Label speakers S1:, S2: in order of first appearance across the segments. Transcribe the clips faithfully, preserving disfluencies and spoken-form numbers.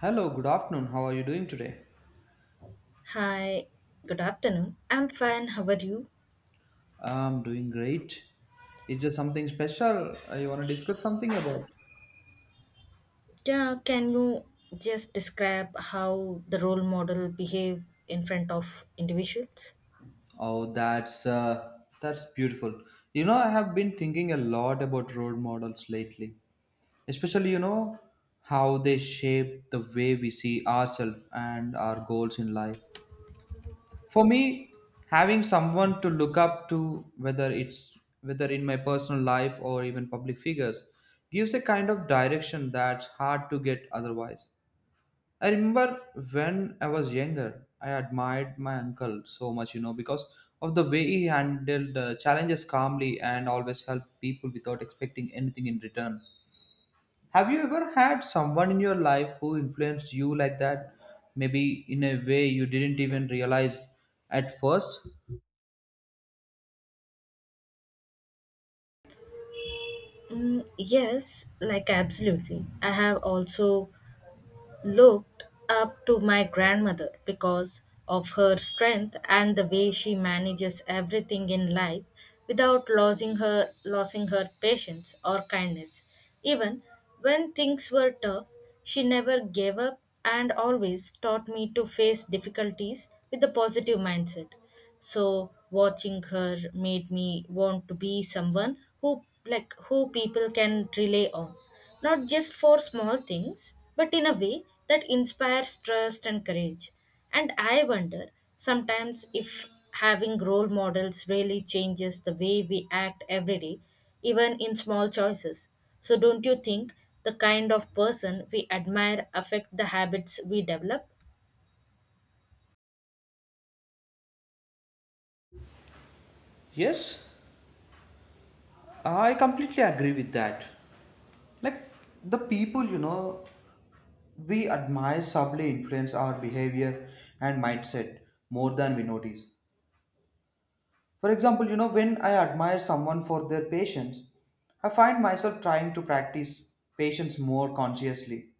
S1: Hello, good afternoon. How are you doing today?
S2: Hi, good afternoon. I'm fine. How are you?
S1: I'm doing great. Is there something special uh, you want to discuss something about?
S2: Yeah, can you just describe how the role model behave in front of individuals?
S1: Oh, that's uh, that's beautiful. You know, I have been thinking a lot about role models lately, especially you know how they shape the way we see ourselves and our goals in life. For me, having someone to look up to, whether it's whether in my personal life or even public figures, gives a kind of direction that's hard to get otherwise. I remember when I was younger, I admired my uncle so much, you know, because of the way he handled uh, challenges calmly and always helped people without expecting anything in return. Have you ever had someone in your life who influenced you like that, maybe in a way you didn't even realize at first?
S2: Mm, yes, like absolutely. I have also looked up to my grandmother because of her strength and the way she manages everything in life without losing her losing her patience or kindness even when things were tough. She never gave up and always taught me to face difficulties with a positive mindset. So watching her made me want to be someone who, like, who people can rely on, not just for small things but in a way that inspires trust and courage. And I wonder sometimes if having role models really changes the way we act every day, even in small choices. So don't you think the kind of person we admire affect the habits we develop?
S1: Yes, I completely agree with that. Like, the people, you know, we admire subtly influence our behavior and mindset more than we notice. For example, you know, when I admire someone for their patience, I find myself trying to practice patience more consciously.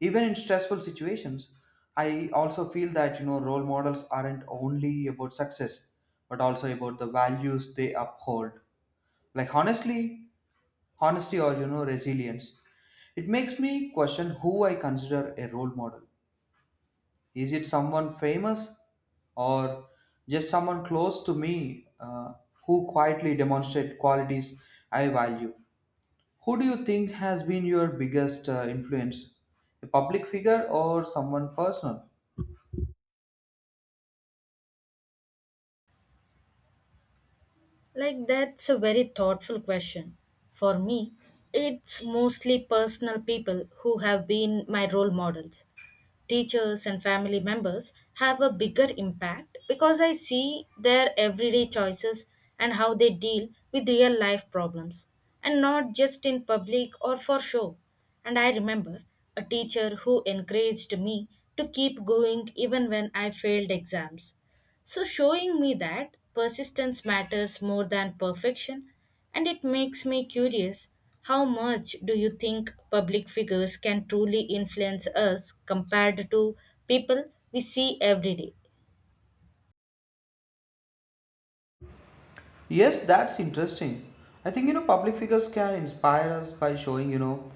S1: Even in stressful situations, I also feel that, you know, role models aren't only about success, but also about the values they uphold, like honestly honesty or, you know, resilience. It makes me question who I consider a role model. Is it someone famous, or just someone close to me, uh, who quietly demonstrate qualities I value? Who do you think has been your biggest uh, influence, a public figure or someone personal?
S2: Like, that's a very thoughtful question. For me, it's mostly personal people who have been my role models. Teachers and family members have a bigger impact because I see their everyday choices and how they deal with real life problems, and not just in public or for show. And I remember a teacher who encouraged me to keep going even when I failed exams. So, showing me that persistence matters more than perfection, and it makes me curious, how much do you think public figures can truly influence us compared to people we see every day?
S1: Yes, that's interesting. I think, you know, public figures can inspire us by showing, you know,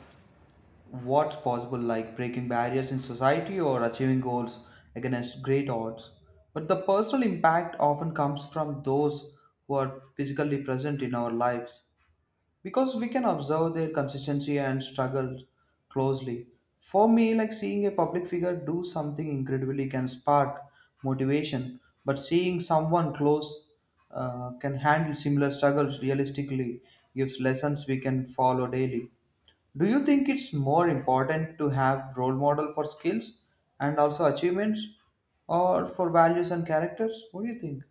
S1: what's possible, like breaking barriers in society or achieving goals against great odds. But the personal impact often comes from those who are physically present in our lives because we can observe their consistency and struggle closely. For me, like seeing a public figure do something incredibly can spark motivation, but seeing someone close uh, can handle similar struggles realistically gives lessons we can follow daily. Do you think it's more important to have role model for skills and also achievements, or for values and characters? What do you think?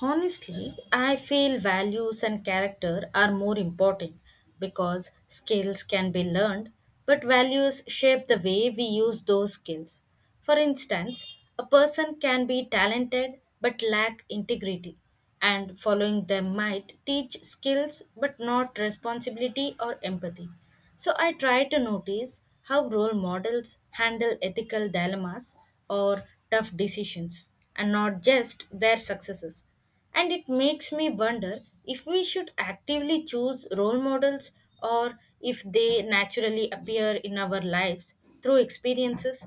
S2: Honestly, I feel values and character are more important because skills can be learned, but values shape the way we use those skills. For instance, a person can be talented but lack integrity, and following them might teach skills but not responsibility or empathy. So I try to notice how role models handle ethical dilemmas or tough decisions and not just their successes. And it makes me wonder if we should actively choose role models or if they naturally appear in our lives through experiences.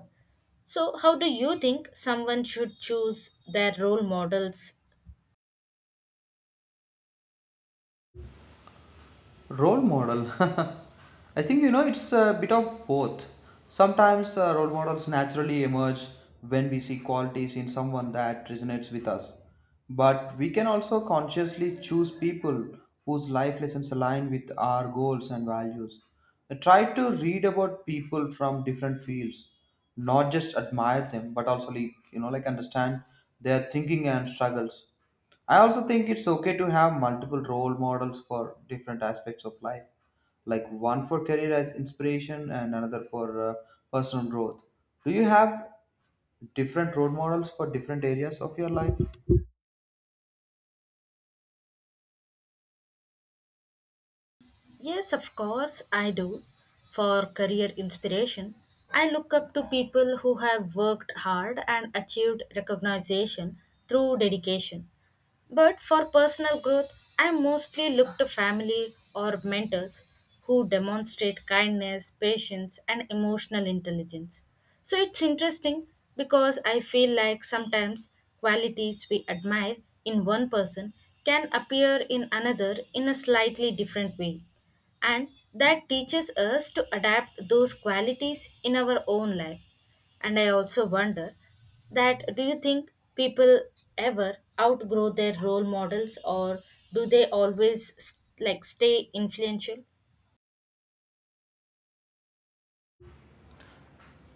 S2: So, how do you think someone should choose their role models?
S1: Role model. I think, you know, it's a bit of both. Sometimes uh, role models naturally emerge when we see qualities in someone that resonates with us. But we can also consciously choose people whose life lessons align with our goals and values. I try to read about people from different fields, not just admire them, but also, like, you know, like understand their thinking and struggles. I also think it's okay to have multiple role models for different aspects of life, like one for career as inspiration and another for uh, personal growth. Do you have different role models for different areas of your life?
S2: Yes, of course, I do. For career inspiration, I look up to people who have worked hard and achieved recognition through dedication. But for personal growth, I mostly look to family or mentors who demonstrate kindness, patience, and emotional intelligence. So it's interesting because I feel like sometimes qualities we admire in one person can appear in another in a slightly different way. And that teaches us to adapt those qualities in our own life. And I also wonder, that do you think people ever outgrow their role models or do they always s- like stay influential?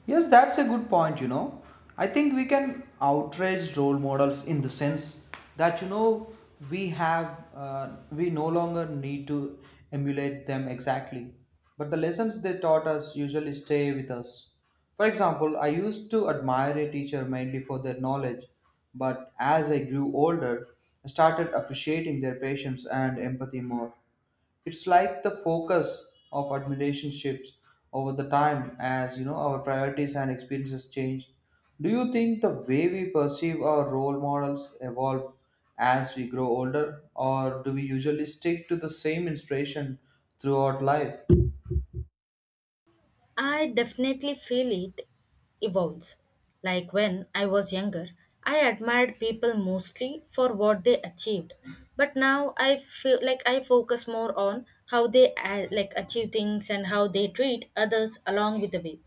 S1: Yes, that's a good point, you know. I think we can outrage role models in the sense that, you know, we have, uh, we no longer need to emulate them exactly. But the lessons they taught us usually stay with us. For example, I used to admire a teacher mainly for their knowledge, but as I grew older, I started appreciating their patience and empathy more. It's like the focus of admiration shifts over the time as, you know, our priorities and experiences change. Do you think the way we perceive our role models evolve as we grow older, or do we usually stick to the same inspiration throughout life?
S2: I definitely feel it evolves. Like when I was younger, I admired people mostly for what they achieved, but now I feel like I focus more on how they uh, like achieve things and how they treat others along with the way.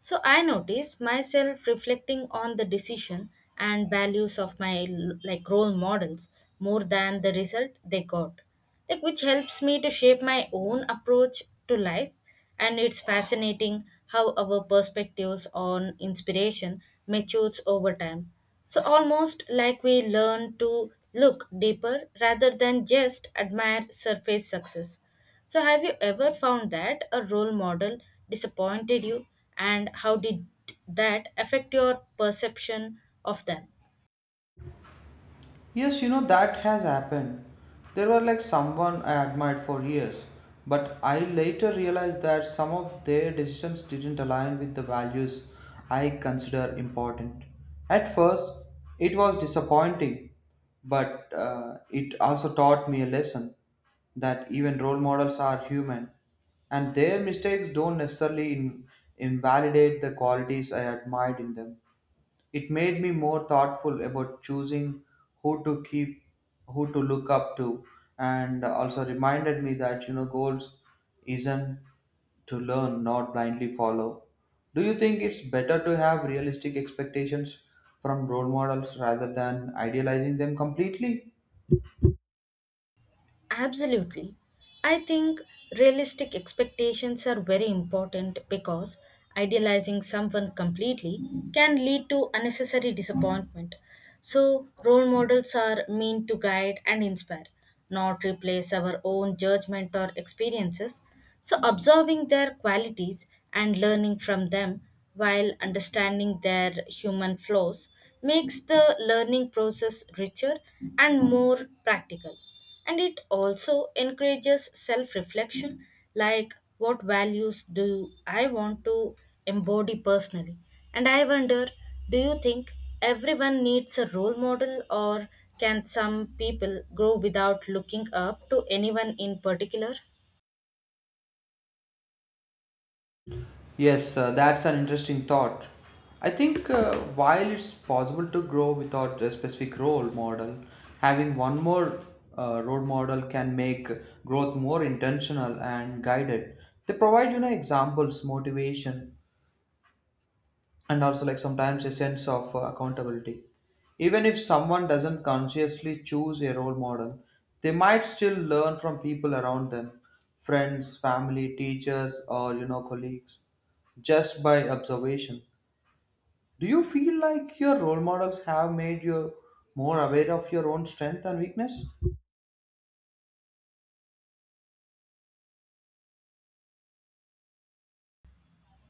S2: So I notice myself reflecting on the decision and values of my, like, role models more than the result they got. Like, which helps me to shape my own approach to life, and it's fascinating how our perspectives on inspiration matures over time. So almost like we learn to look deeper rather than just admire surface success. So, have you ever found that a role model disappointed you, and how did that affect your perception of them?
S1: Yes, you know, that has happened. There were, like, someone I admired for years, but I later realized that some of their decisions didn't align with the values I consider important. At first, it was disappointing, but uh, it also taught me a lesson that even role models are human and their mistakes don't necessarily in- invalidate the qualities I admired in them. It made me more thoughtful about choosing who to keep, who to look up to, and also reminded me that, you know, goals isn't to learn, not blindly follow. Do you think it's better to have realistic expectations from role models rather than idealizing them completely?
S2: Absolutely. I think realistic expectations are very important because idealizing someone completely can lead to unnecessary disappointment. So, role models are meant to guide and inspire, not replace our own judgment or experiences. So, observing their qualities and learning from them while understanding their human flaws makes the learning process richer and more practical. And it also encourages self reflection, like what values do I want to embody personally? And I wonder, do you think everyone needs a role model, or can some people grow without looking up to anyone in particular?
S1: Yes, uh, that's an interesting thought. I think uh, while it's possible to grow without a specific role model, having one more uh, role model can make growth more intentional and guided. They provide, you know, examples, motivation, and also, like, sometimes a sense of uh, accountability. Even if someone doesn't consciously choose a role model, they might still learn from people around them, friends, family, teachers, or, you know, colleagues, just by observation. Do you feel like your role models have made you more aware of your own strength and weakness?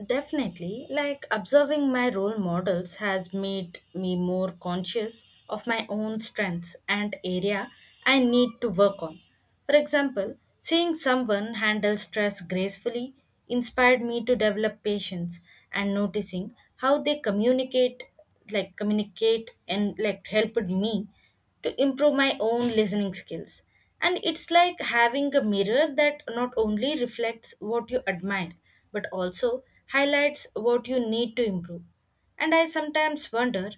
S2: Definitely, like observing my role models has made me more conscious of my own strengths and area I need to work on. For example, seeing someone handle stress gracefully inspired me to develop patience, and noticing how they communicate like communicate and like helped me to improve my own listening skills. And it's like having a mirror that not only reflects what you admire, but also highlights what you need to improve. And I sometimes wonder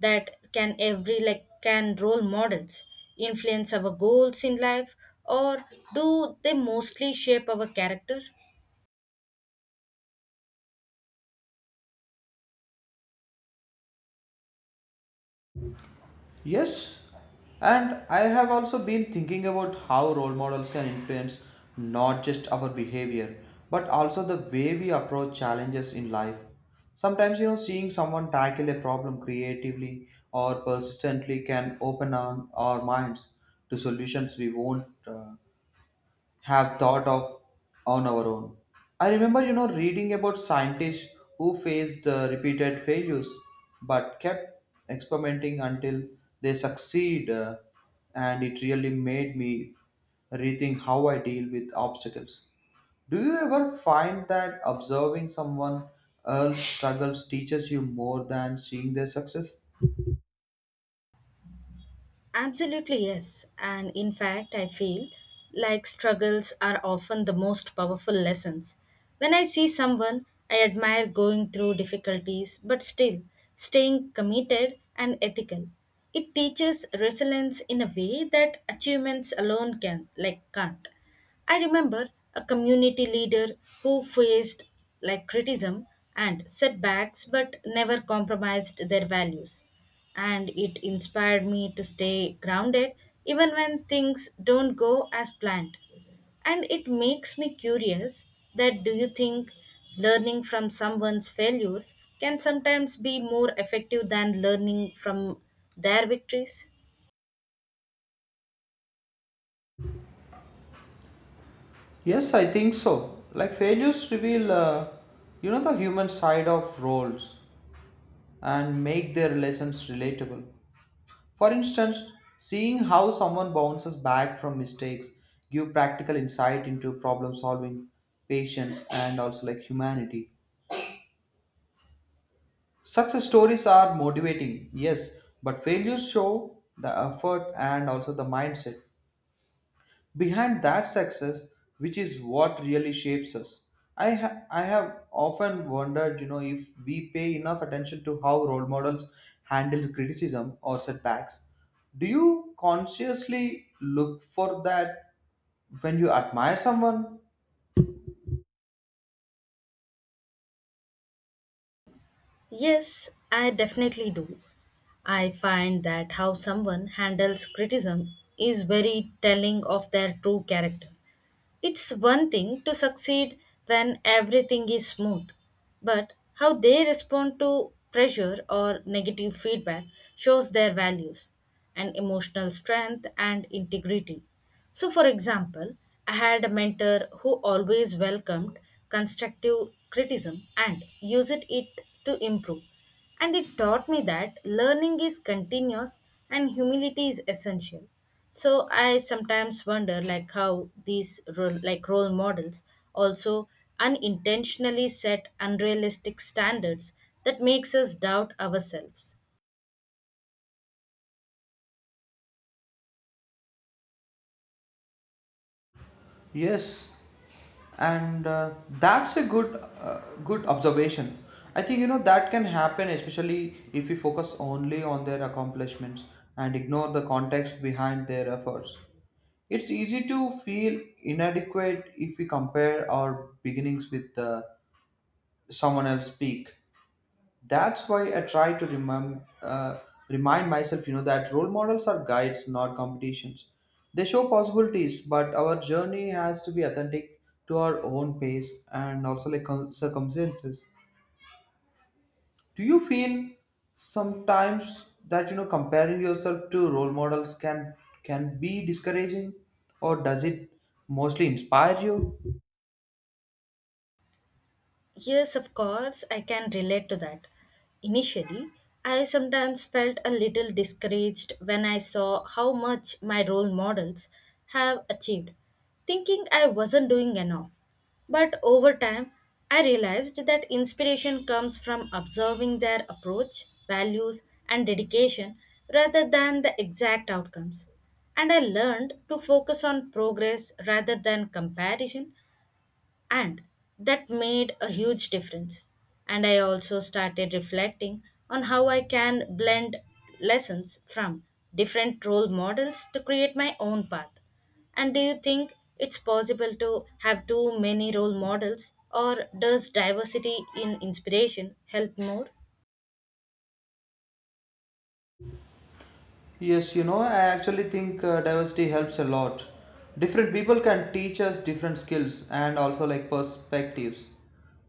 S2: that can every like can role models influence our goals in life or do they mostly shape our character?
S1: Yes, and I have also been thinking about how role models can influence not just our behavior, but also the way we approach challenges in life. Sometimes, you know, seeing someone tackle a problem creatively or persistently can open our, our minds to solutions we won't uh, have thought of on our own. I remember, you know, reading about scientists who faced uh, repeated failures but kept experimenting until they succeed, uh, and it really made me rethink how I deal with obstacles. Do you ever find that observing someone else struggles teaches you more than seeing their success?
S2: Absolutely, yes. And in fact, I feel like struggles are often the most powerful lessons. When I see someone I admire going through difficulties, but still staying committed and ethical, it teaches resilience in a way that achievements alone can, like, can't. I remember a community leader who faced, like, criticism and setbacks but never compromised their values, and it inspired me to stay grounded even when things don't go as planned. And it makes me curious, that do you think learning from someone's failures can sometimes be more effective than learning from their victories?
S1: Yes, I think so. Like, failures reveal, uh, you know, the human side of roles and make their lessons relatable. For instance, seeing how someone bounces back from mistakes give practical insight into problem solving, patience, and also, like, humanity. Success stories are motivating, yes, but failures show the effort and also the mindset behind that success, which is what really shapes us. I, ha- I have often wondered, you know, if we pay enough attention to how role models handle criticism or setbacks. Do you consciously look for that when you admire someone?
S2: Yes, I definitely do. I find that how someone handles criticism is very telling of their true character. It's one thing to succeed when everything is smooth, but how they respond to pressure or negative feedback shows their values and emotional strength and integrity. So, for example, I had a mentor who always welcomed constructive criticism and used it to improve. And it taught me that learning is continuous and humility is essential. So I sometimes wonder, like, how these role, like role models also unintentionally set unrealistic standards that makes us doubt ourselves.
S1: Yes, and uh, that's a good uh, good observation. I think, you know, that can happen, especially if we focus only on their accomplishments and ignore the context behind their efforts. It's easy to feel inadequate if we compare our beginnings with uh, someone else's peak. That's why I try to remember uh, remind myself, you know, that role models are guides, not competitions. They show possibilities, but our journey has to be authentic to our own pace and also, like, con- circumstances. Do you feel sometimes that, you know, comparing yourself to role models can can be discouraging, or does it mostly inspire you?
S2: Yes, of course, I can relate to that. Initially, I sometimes felt a little discouraged when I saw how much my role models have achieved, thinking I wasn't doing enough. But over time, I realized that inspiration comes from observing their approach, values, and dedication rather than the exact outcomes, and I learned to focus on progress rather than comparison, and that made a huge difference. And I also started reflecting on how I can blend lessons from different role models to create my own path. And do you think it's possible to have too many role models, or does diversity in inspiration help more?
S1: Yes, you know, I actually think uh, diversity helps a lot. Different people can teach us different skills and also, like, perspectives.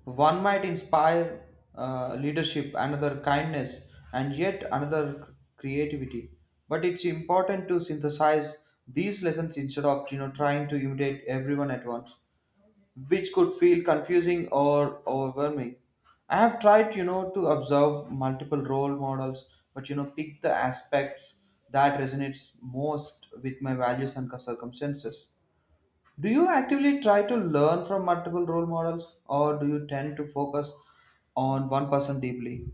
S1: One might inspire uh, leadership, another kindness, and yet another creativity. But it's important to synthesize these lessons instead of, you know, trying to imitate everyone at once, which could feel confusing or overwhelming. I have tried, you know, to observe multiple role models, but, you know, pick the aspects that resonates most with my values and circumstances. Do you actively try to learn from multiple role models, or do you tend to focus on one person deeply?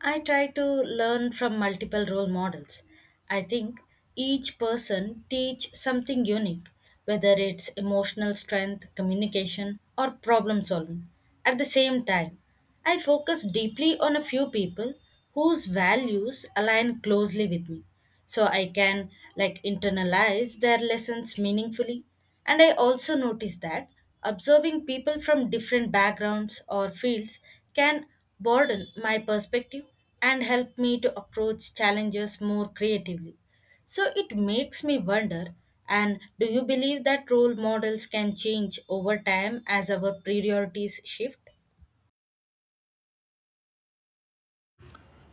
S2: I try to learn from multiple role models. I think each person teach something unique, whether it's emotional strength, communication, or problem solving. At the same time, I focus deeply on a few people whose values align closely with me so I can, like, internalize their lessons meaningfully. And I also notice that observing people from different backgrounds or fields can broaden my perspective and help me to approach challenges more creatively. So it makes me wonder, and do you believe that role models can change over time as our priorities shift?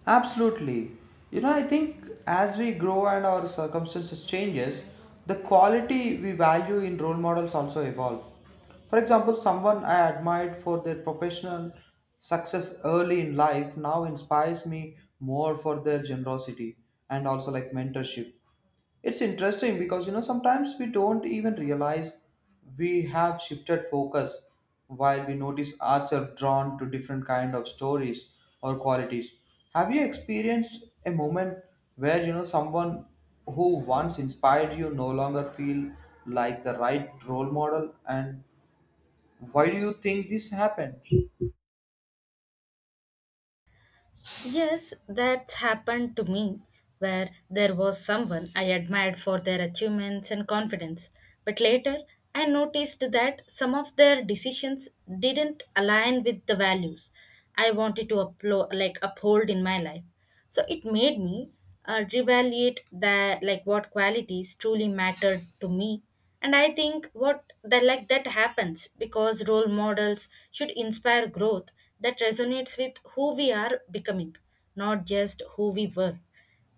S1: Absolutely. You know, I think as we grow and our circumstances changes, the quality we value in role models also evolve. For example, someone I admired for their professional success early in life now inspires me more for their generosity and also, like, mentorship. It's interesting because, you know, sometimes we don't even realize we have shifted focus while we notice ourselves drawn to different kind of stories or qualities. Have you experienced a moment where, you know, someone who once inspired you no longer feel like the right role model, and why do you think this happened?
S2: Yes, that's happened to me, where there was someone I admired for their achievements and confidence. But later, I noticed that some of their decisions didn't align with the values I wanted to uplo- like uphold in my life. So it made me uh, reevaluate that, like what qualities truly mattered to me, and I think what the, like, that happens because role models should inspire growth that resonates with who we are becoming, not just who we were.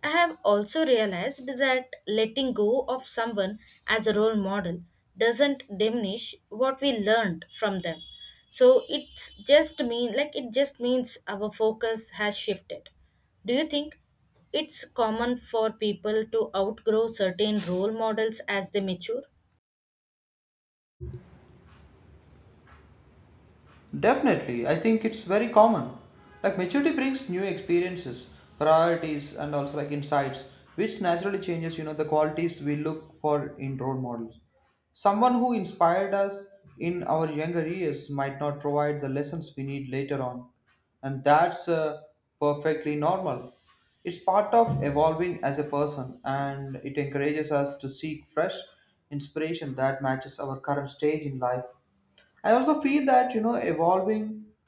S2: I have also realized that letting go of someone as a role model doesn't diminish what we learned from them, so it's just mean like it just means our focus has shifted. Do you think it's common for people to outgrow certain role models as they mature?
S1: Definitely, I think it's very common. Like, maturity brings new experiences, priorities, and also, like, insights, which naturally changes, you know, the qualities we look for in role models. Someone who inspired us in our younger years might not provide the lessons we need later on, and that's uh, perfectly normal. It's part of evolving as a person, and it encourages us to seek fresh inspiration that matches our current stage in life. I also feel that, you know, evolving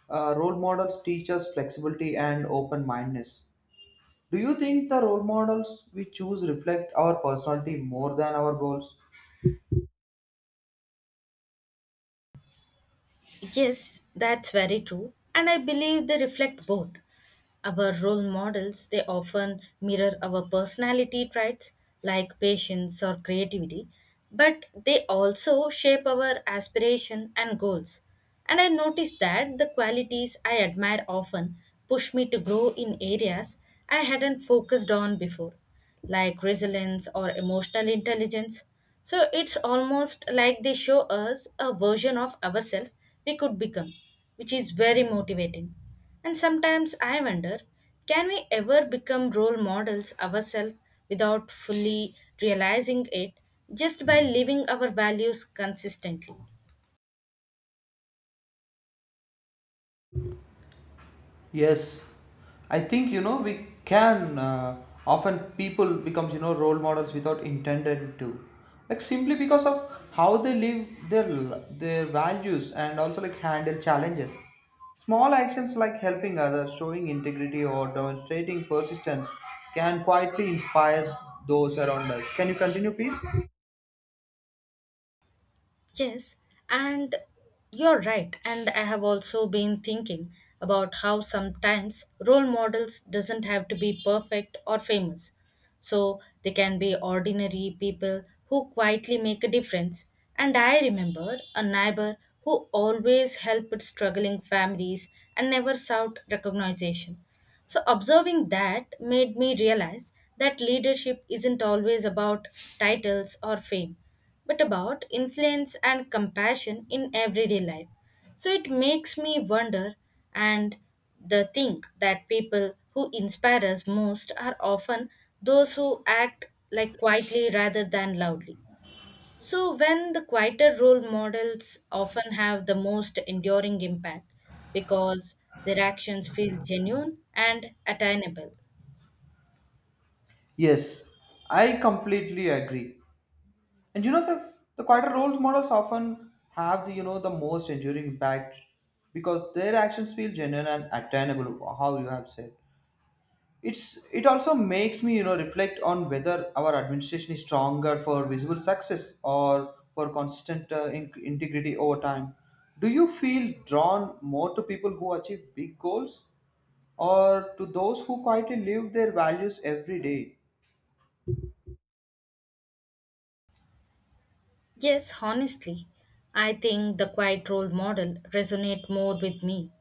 S1: uh, role models teach us flexibility and open mindedness. Do you think the role models we choose reflect our personality more than our goals?
S2: Yes, that's very true. And I believe they reflect both. Our role models, they often mirror our personality traits like patience or creativity, but they also shape our aspiration and goals. And I noticed that the qualities I admire often push me to grow in areas I hadn't focused on before, like resilience or emotional intelligence. So it's almost like they show us a version of ourselves we could become, which is very motivating. And sometimes I wonder, can we ever become role models ourselves without fully realizing it just by living our values consistently?
S1: Yes, I think, you know, we can uh, often people becomes, you know, role models without intended to, like simply because of how they live their l- their values and also, like, handle challenges. Small actions like helping others, showing integrity, or demonstrating persistence can quietly inspire those around us. Can you continue, please?
S2: Yes, and you're right. And I have also been thinking about how sometimes role models doesn't have to be perfect or famous. So they can be ordinary people who quietly make a difference. And I remember a neighbor who always helped struggling families and never sought recognition. So, observing that made me realize that leadership isn't always about titles or fame, but about influence and compassion in everyday life. So, it makes me wonder, and the think that people who inspire us most are often those who act, like, quietly rather than loudly. So, when the quieter role models often have the most enduring impact because their actions feel genuine and attainable.
S1: Yes, I completely agree. And you know, the the quieter role models often have the, you know, the most enduring impact because their actions feel genuine and attainable. How you have said, it's it also makes me, you know, reflect on whether our administration is stronger for visible success or for consistent uh, in- integrity over time. Do you feel drawn more to people who achieve big goals, or to those who quietly live their values every day?
S2: Yes, honestly, I think the quiet role model resonate more with me.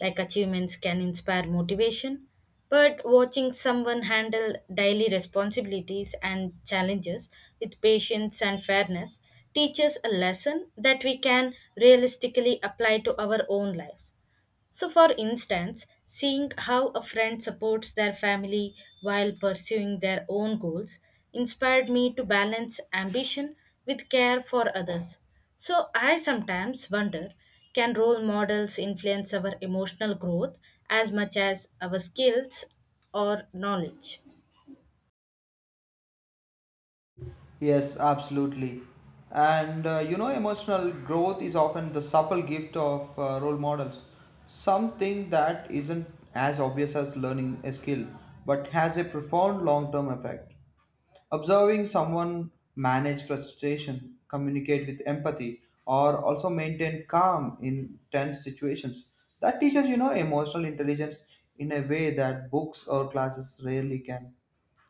S2: Like achievements can inspire motivation, but watching someone handle daily responsibilities and challenges with patience and fairness teaches a lesson that we can realistically apply to our own lives. So, for instance, seeing how a friend supports their family while pursuing their own goals inspired me to balance ambition with care for others. So, I sometimes wonder, can role models influence our emotional growth as much as our skills or knowledge?
S1: Yes, absolutely. And uh, you know, emotional growth is often the subtle gift of uh, role models. Something that isn't as obvious as learning a skill, but has a profound long term effect. Observing someone manage frustration, communicate with empathy, or also maintain calm in tense situations. That teaches, you know, emotional intelligence in a way that books or classes rarely can.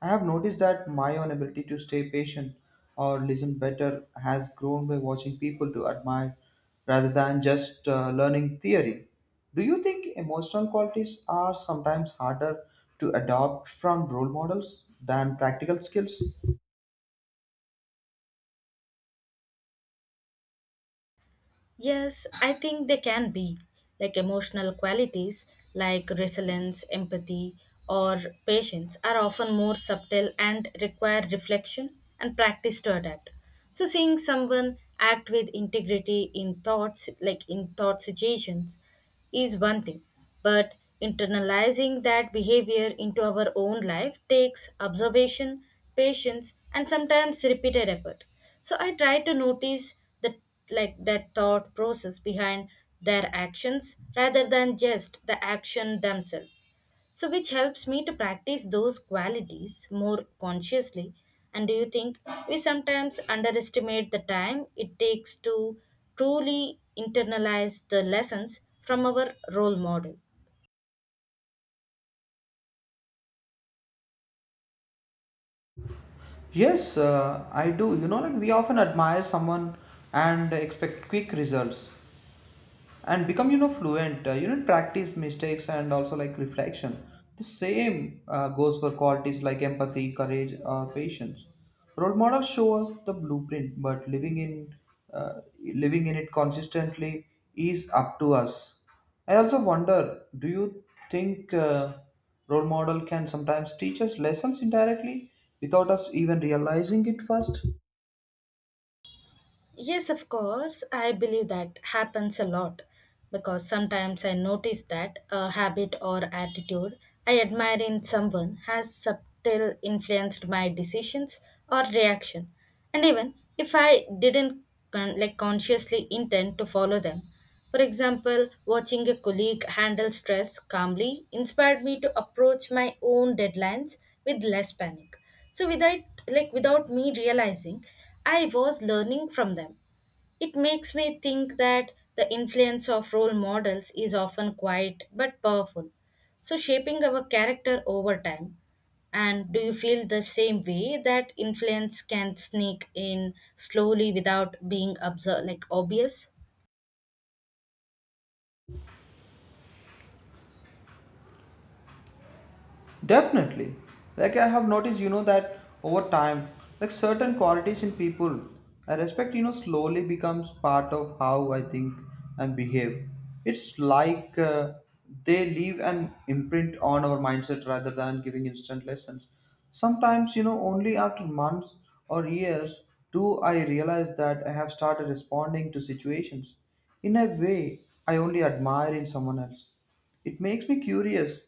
S1: I have noticed that my own ability to stay patient or listen better has grown by watching people to admire rather than just uh, learning theory. Do you think emotional qualities are sometimes harder to adopt from role models than practical skills?
S2: Yes, I think they can be, like emotional qualities like resilience, empathy, or patience are often more subtle and require reflection and practice to adapt. So seeing someone act with integrity in thoughts like in thought situations is one thing, but internalizing that behavior into our own life takes observation, patience, and sometimes repeated effort. So I try to notice the, like, that thought process behind their actions rather than just the action themselves, so which helps me to practice those qualities more consciously. And do you think we sometimes underestimate the time it takes to truly internalize the lessons from our role model?
S1: Yes, uh, I do. You know, like we often admire someone and expect quick results, and become, you know, fluent, uh, you know, practice mistakes and also, like, reflection. The same uh, goes for qualities like empathy, courage, or patience. Role models show us the blueprint, but living in uh, living in it consistently is up to us. I also wonder, do you think uh, role model can sometimes teach us lessons indirectly without us even realizing it first?
S2: Yes, of course. I believe that happens a lot because sometimes I notice that a habit or attitude I admire in someone has subtle influenced my decisions or reaction. And even if I didn't con- like consciously intend to follow them, for example, watching a colleague handle stress calmly inspired me to approach my own deadlines with less panic. So without like without me realizing, I was learning from them. It makes me think that the influence of role models is often quiet but powerful. So shaping our character over time. And do you feel the same way that influence can sneak in slowly without being observed, like obvious?
S1: Definitely. Like, I have noticed, you know, that over time, like certain qualities in people I respect, you know, slowly becomes part of how I think and behave. It's like uh, they leave an imprint on our mindset rather than giving instant lessons. Sometimes, you know, only after months or years do I realize that I have started responding to situations in a way I only admire in someone else. It makes me curious,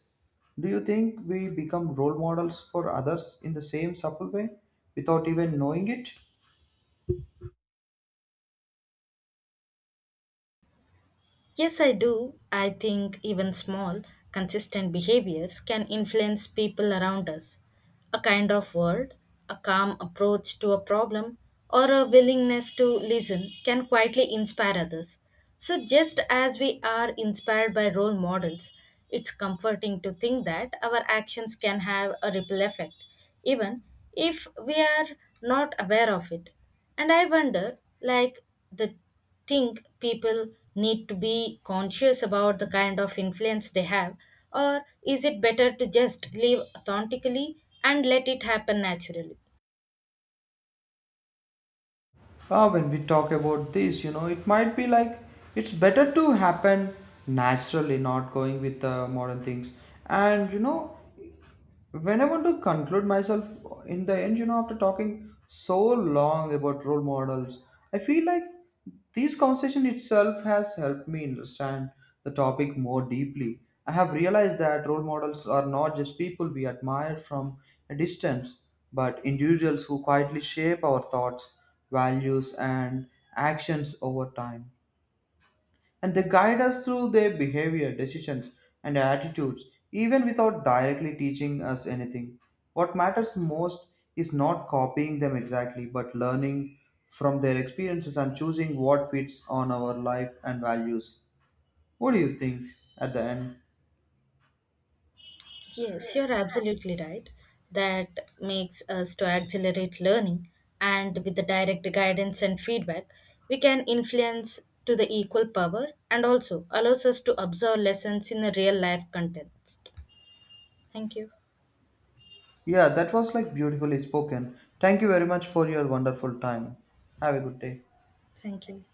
S1: do you think we become role models for others in the same subtle way without even knowing it?
S2: Yes, I do. I think even small, consistent behaviors can influence people around us. A kind of word, a calm approach to a problem, or a willingness to listen can quietly inspire others. So, just as we are inspired by role models, it's comforting to think that our actions can have a ripple effect, even if we are not aware of it. And I wonder, like, the think people need to be conscious about the kind of influence they have, or is it better to just live authentically and let it happen naturally?
S1: Ah, when we talk about this, you know, it might be like it's better to happen naturally, not going with the modern things. And you know, when I want to conclude myself in the end, you know, after talking so long about role models, I feel like this conversation itself has helped me understand the topic more deeply. I have realized that role models are not just people we admire from a distance, but individuals who quietly shape our thoughts, values, and actions over time, and they guide us through their behavior, decisions, and attitudes, even without directly teaching us anything. What matters most is not copying them exactly, but learning from their experiences and choosing what fits on our life and values. What do you think at the end?
S2: Yes, you're absolutely right. That makes us to accelerate learning, and with the direct guidance and feedback, we can influence to the equal power and also allows us to observe lessons in a real life context. Thank you.
S1: Yeah, that was like beautifully spoken. Thank you very much for your wonderful time. Have a good day.
S2: Thank you.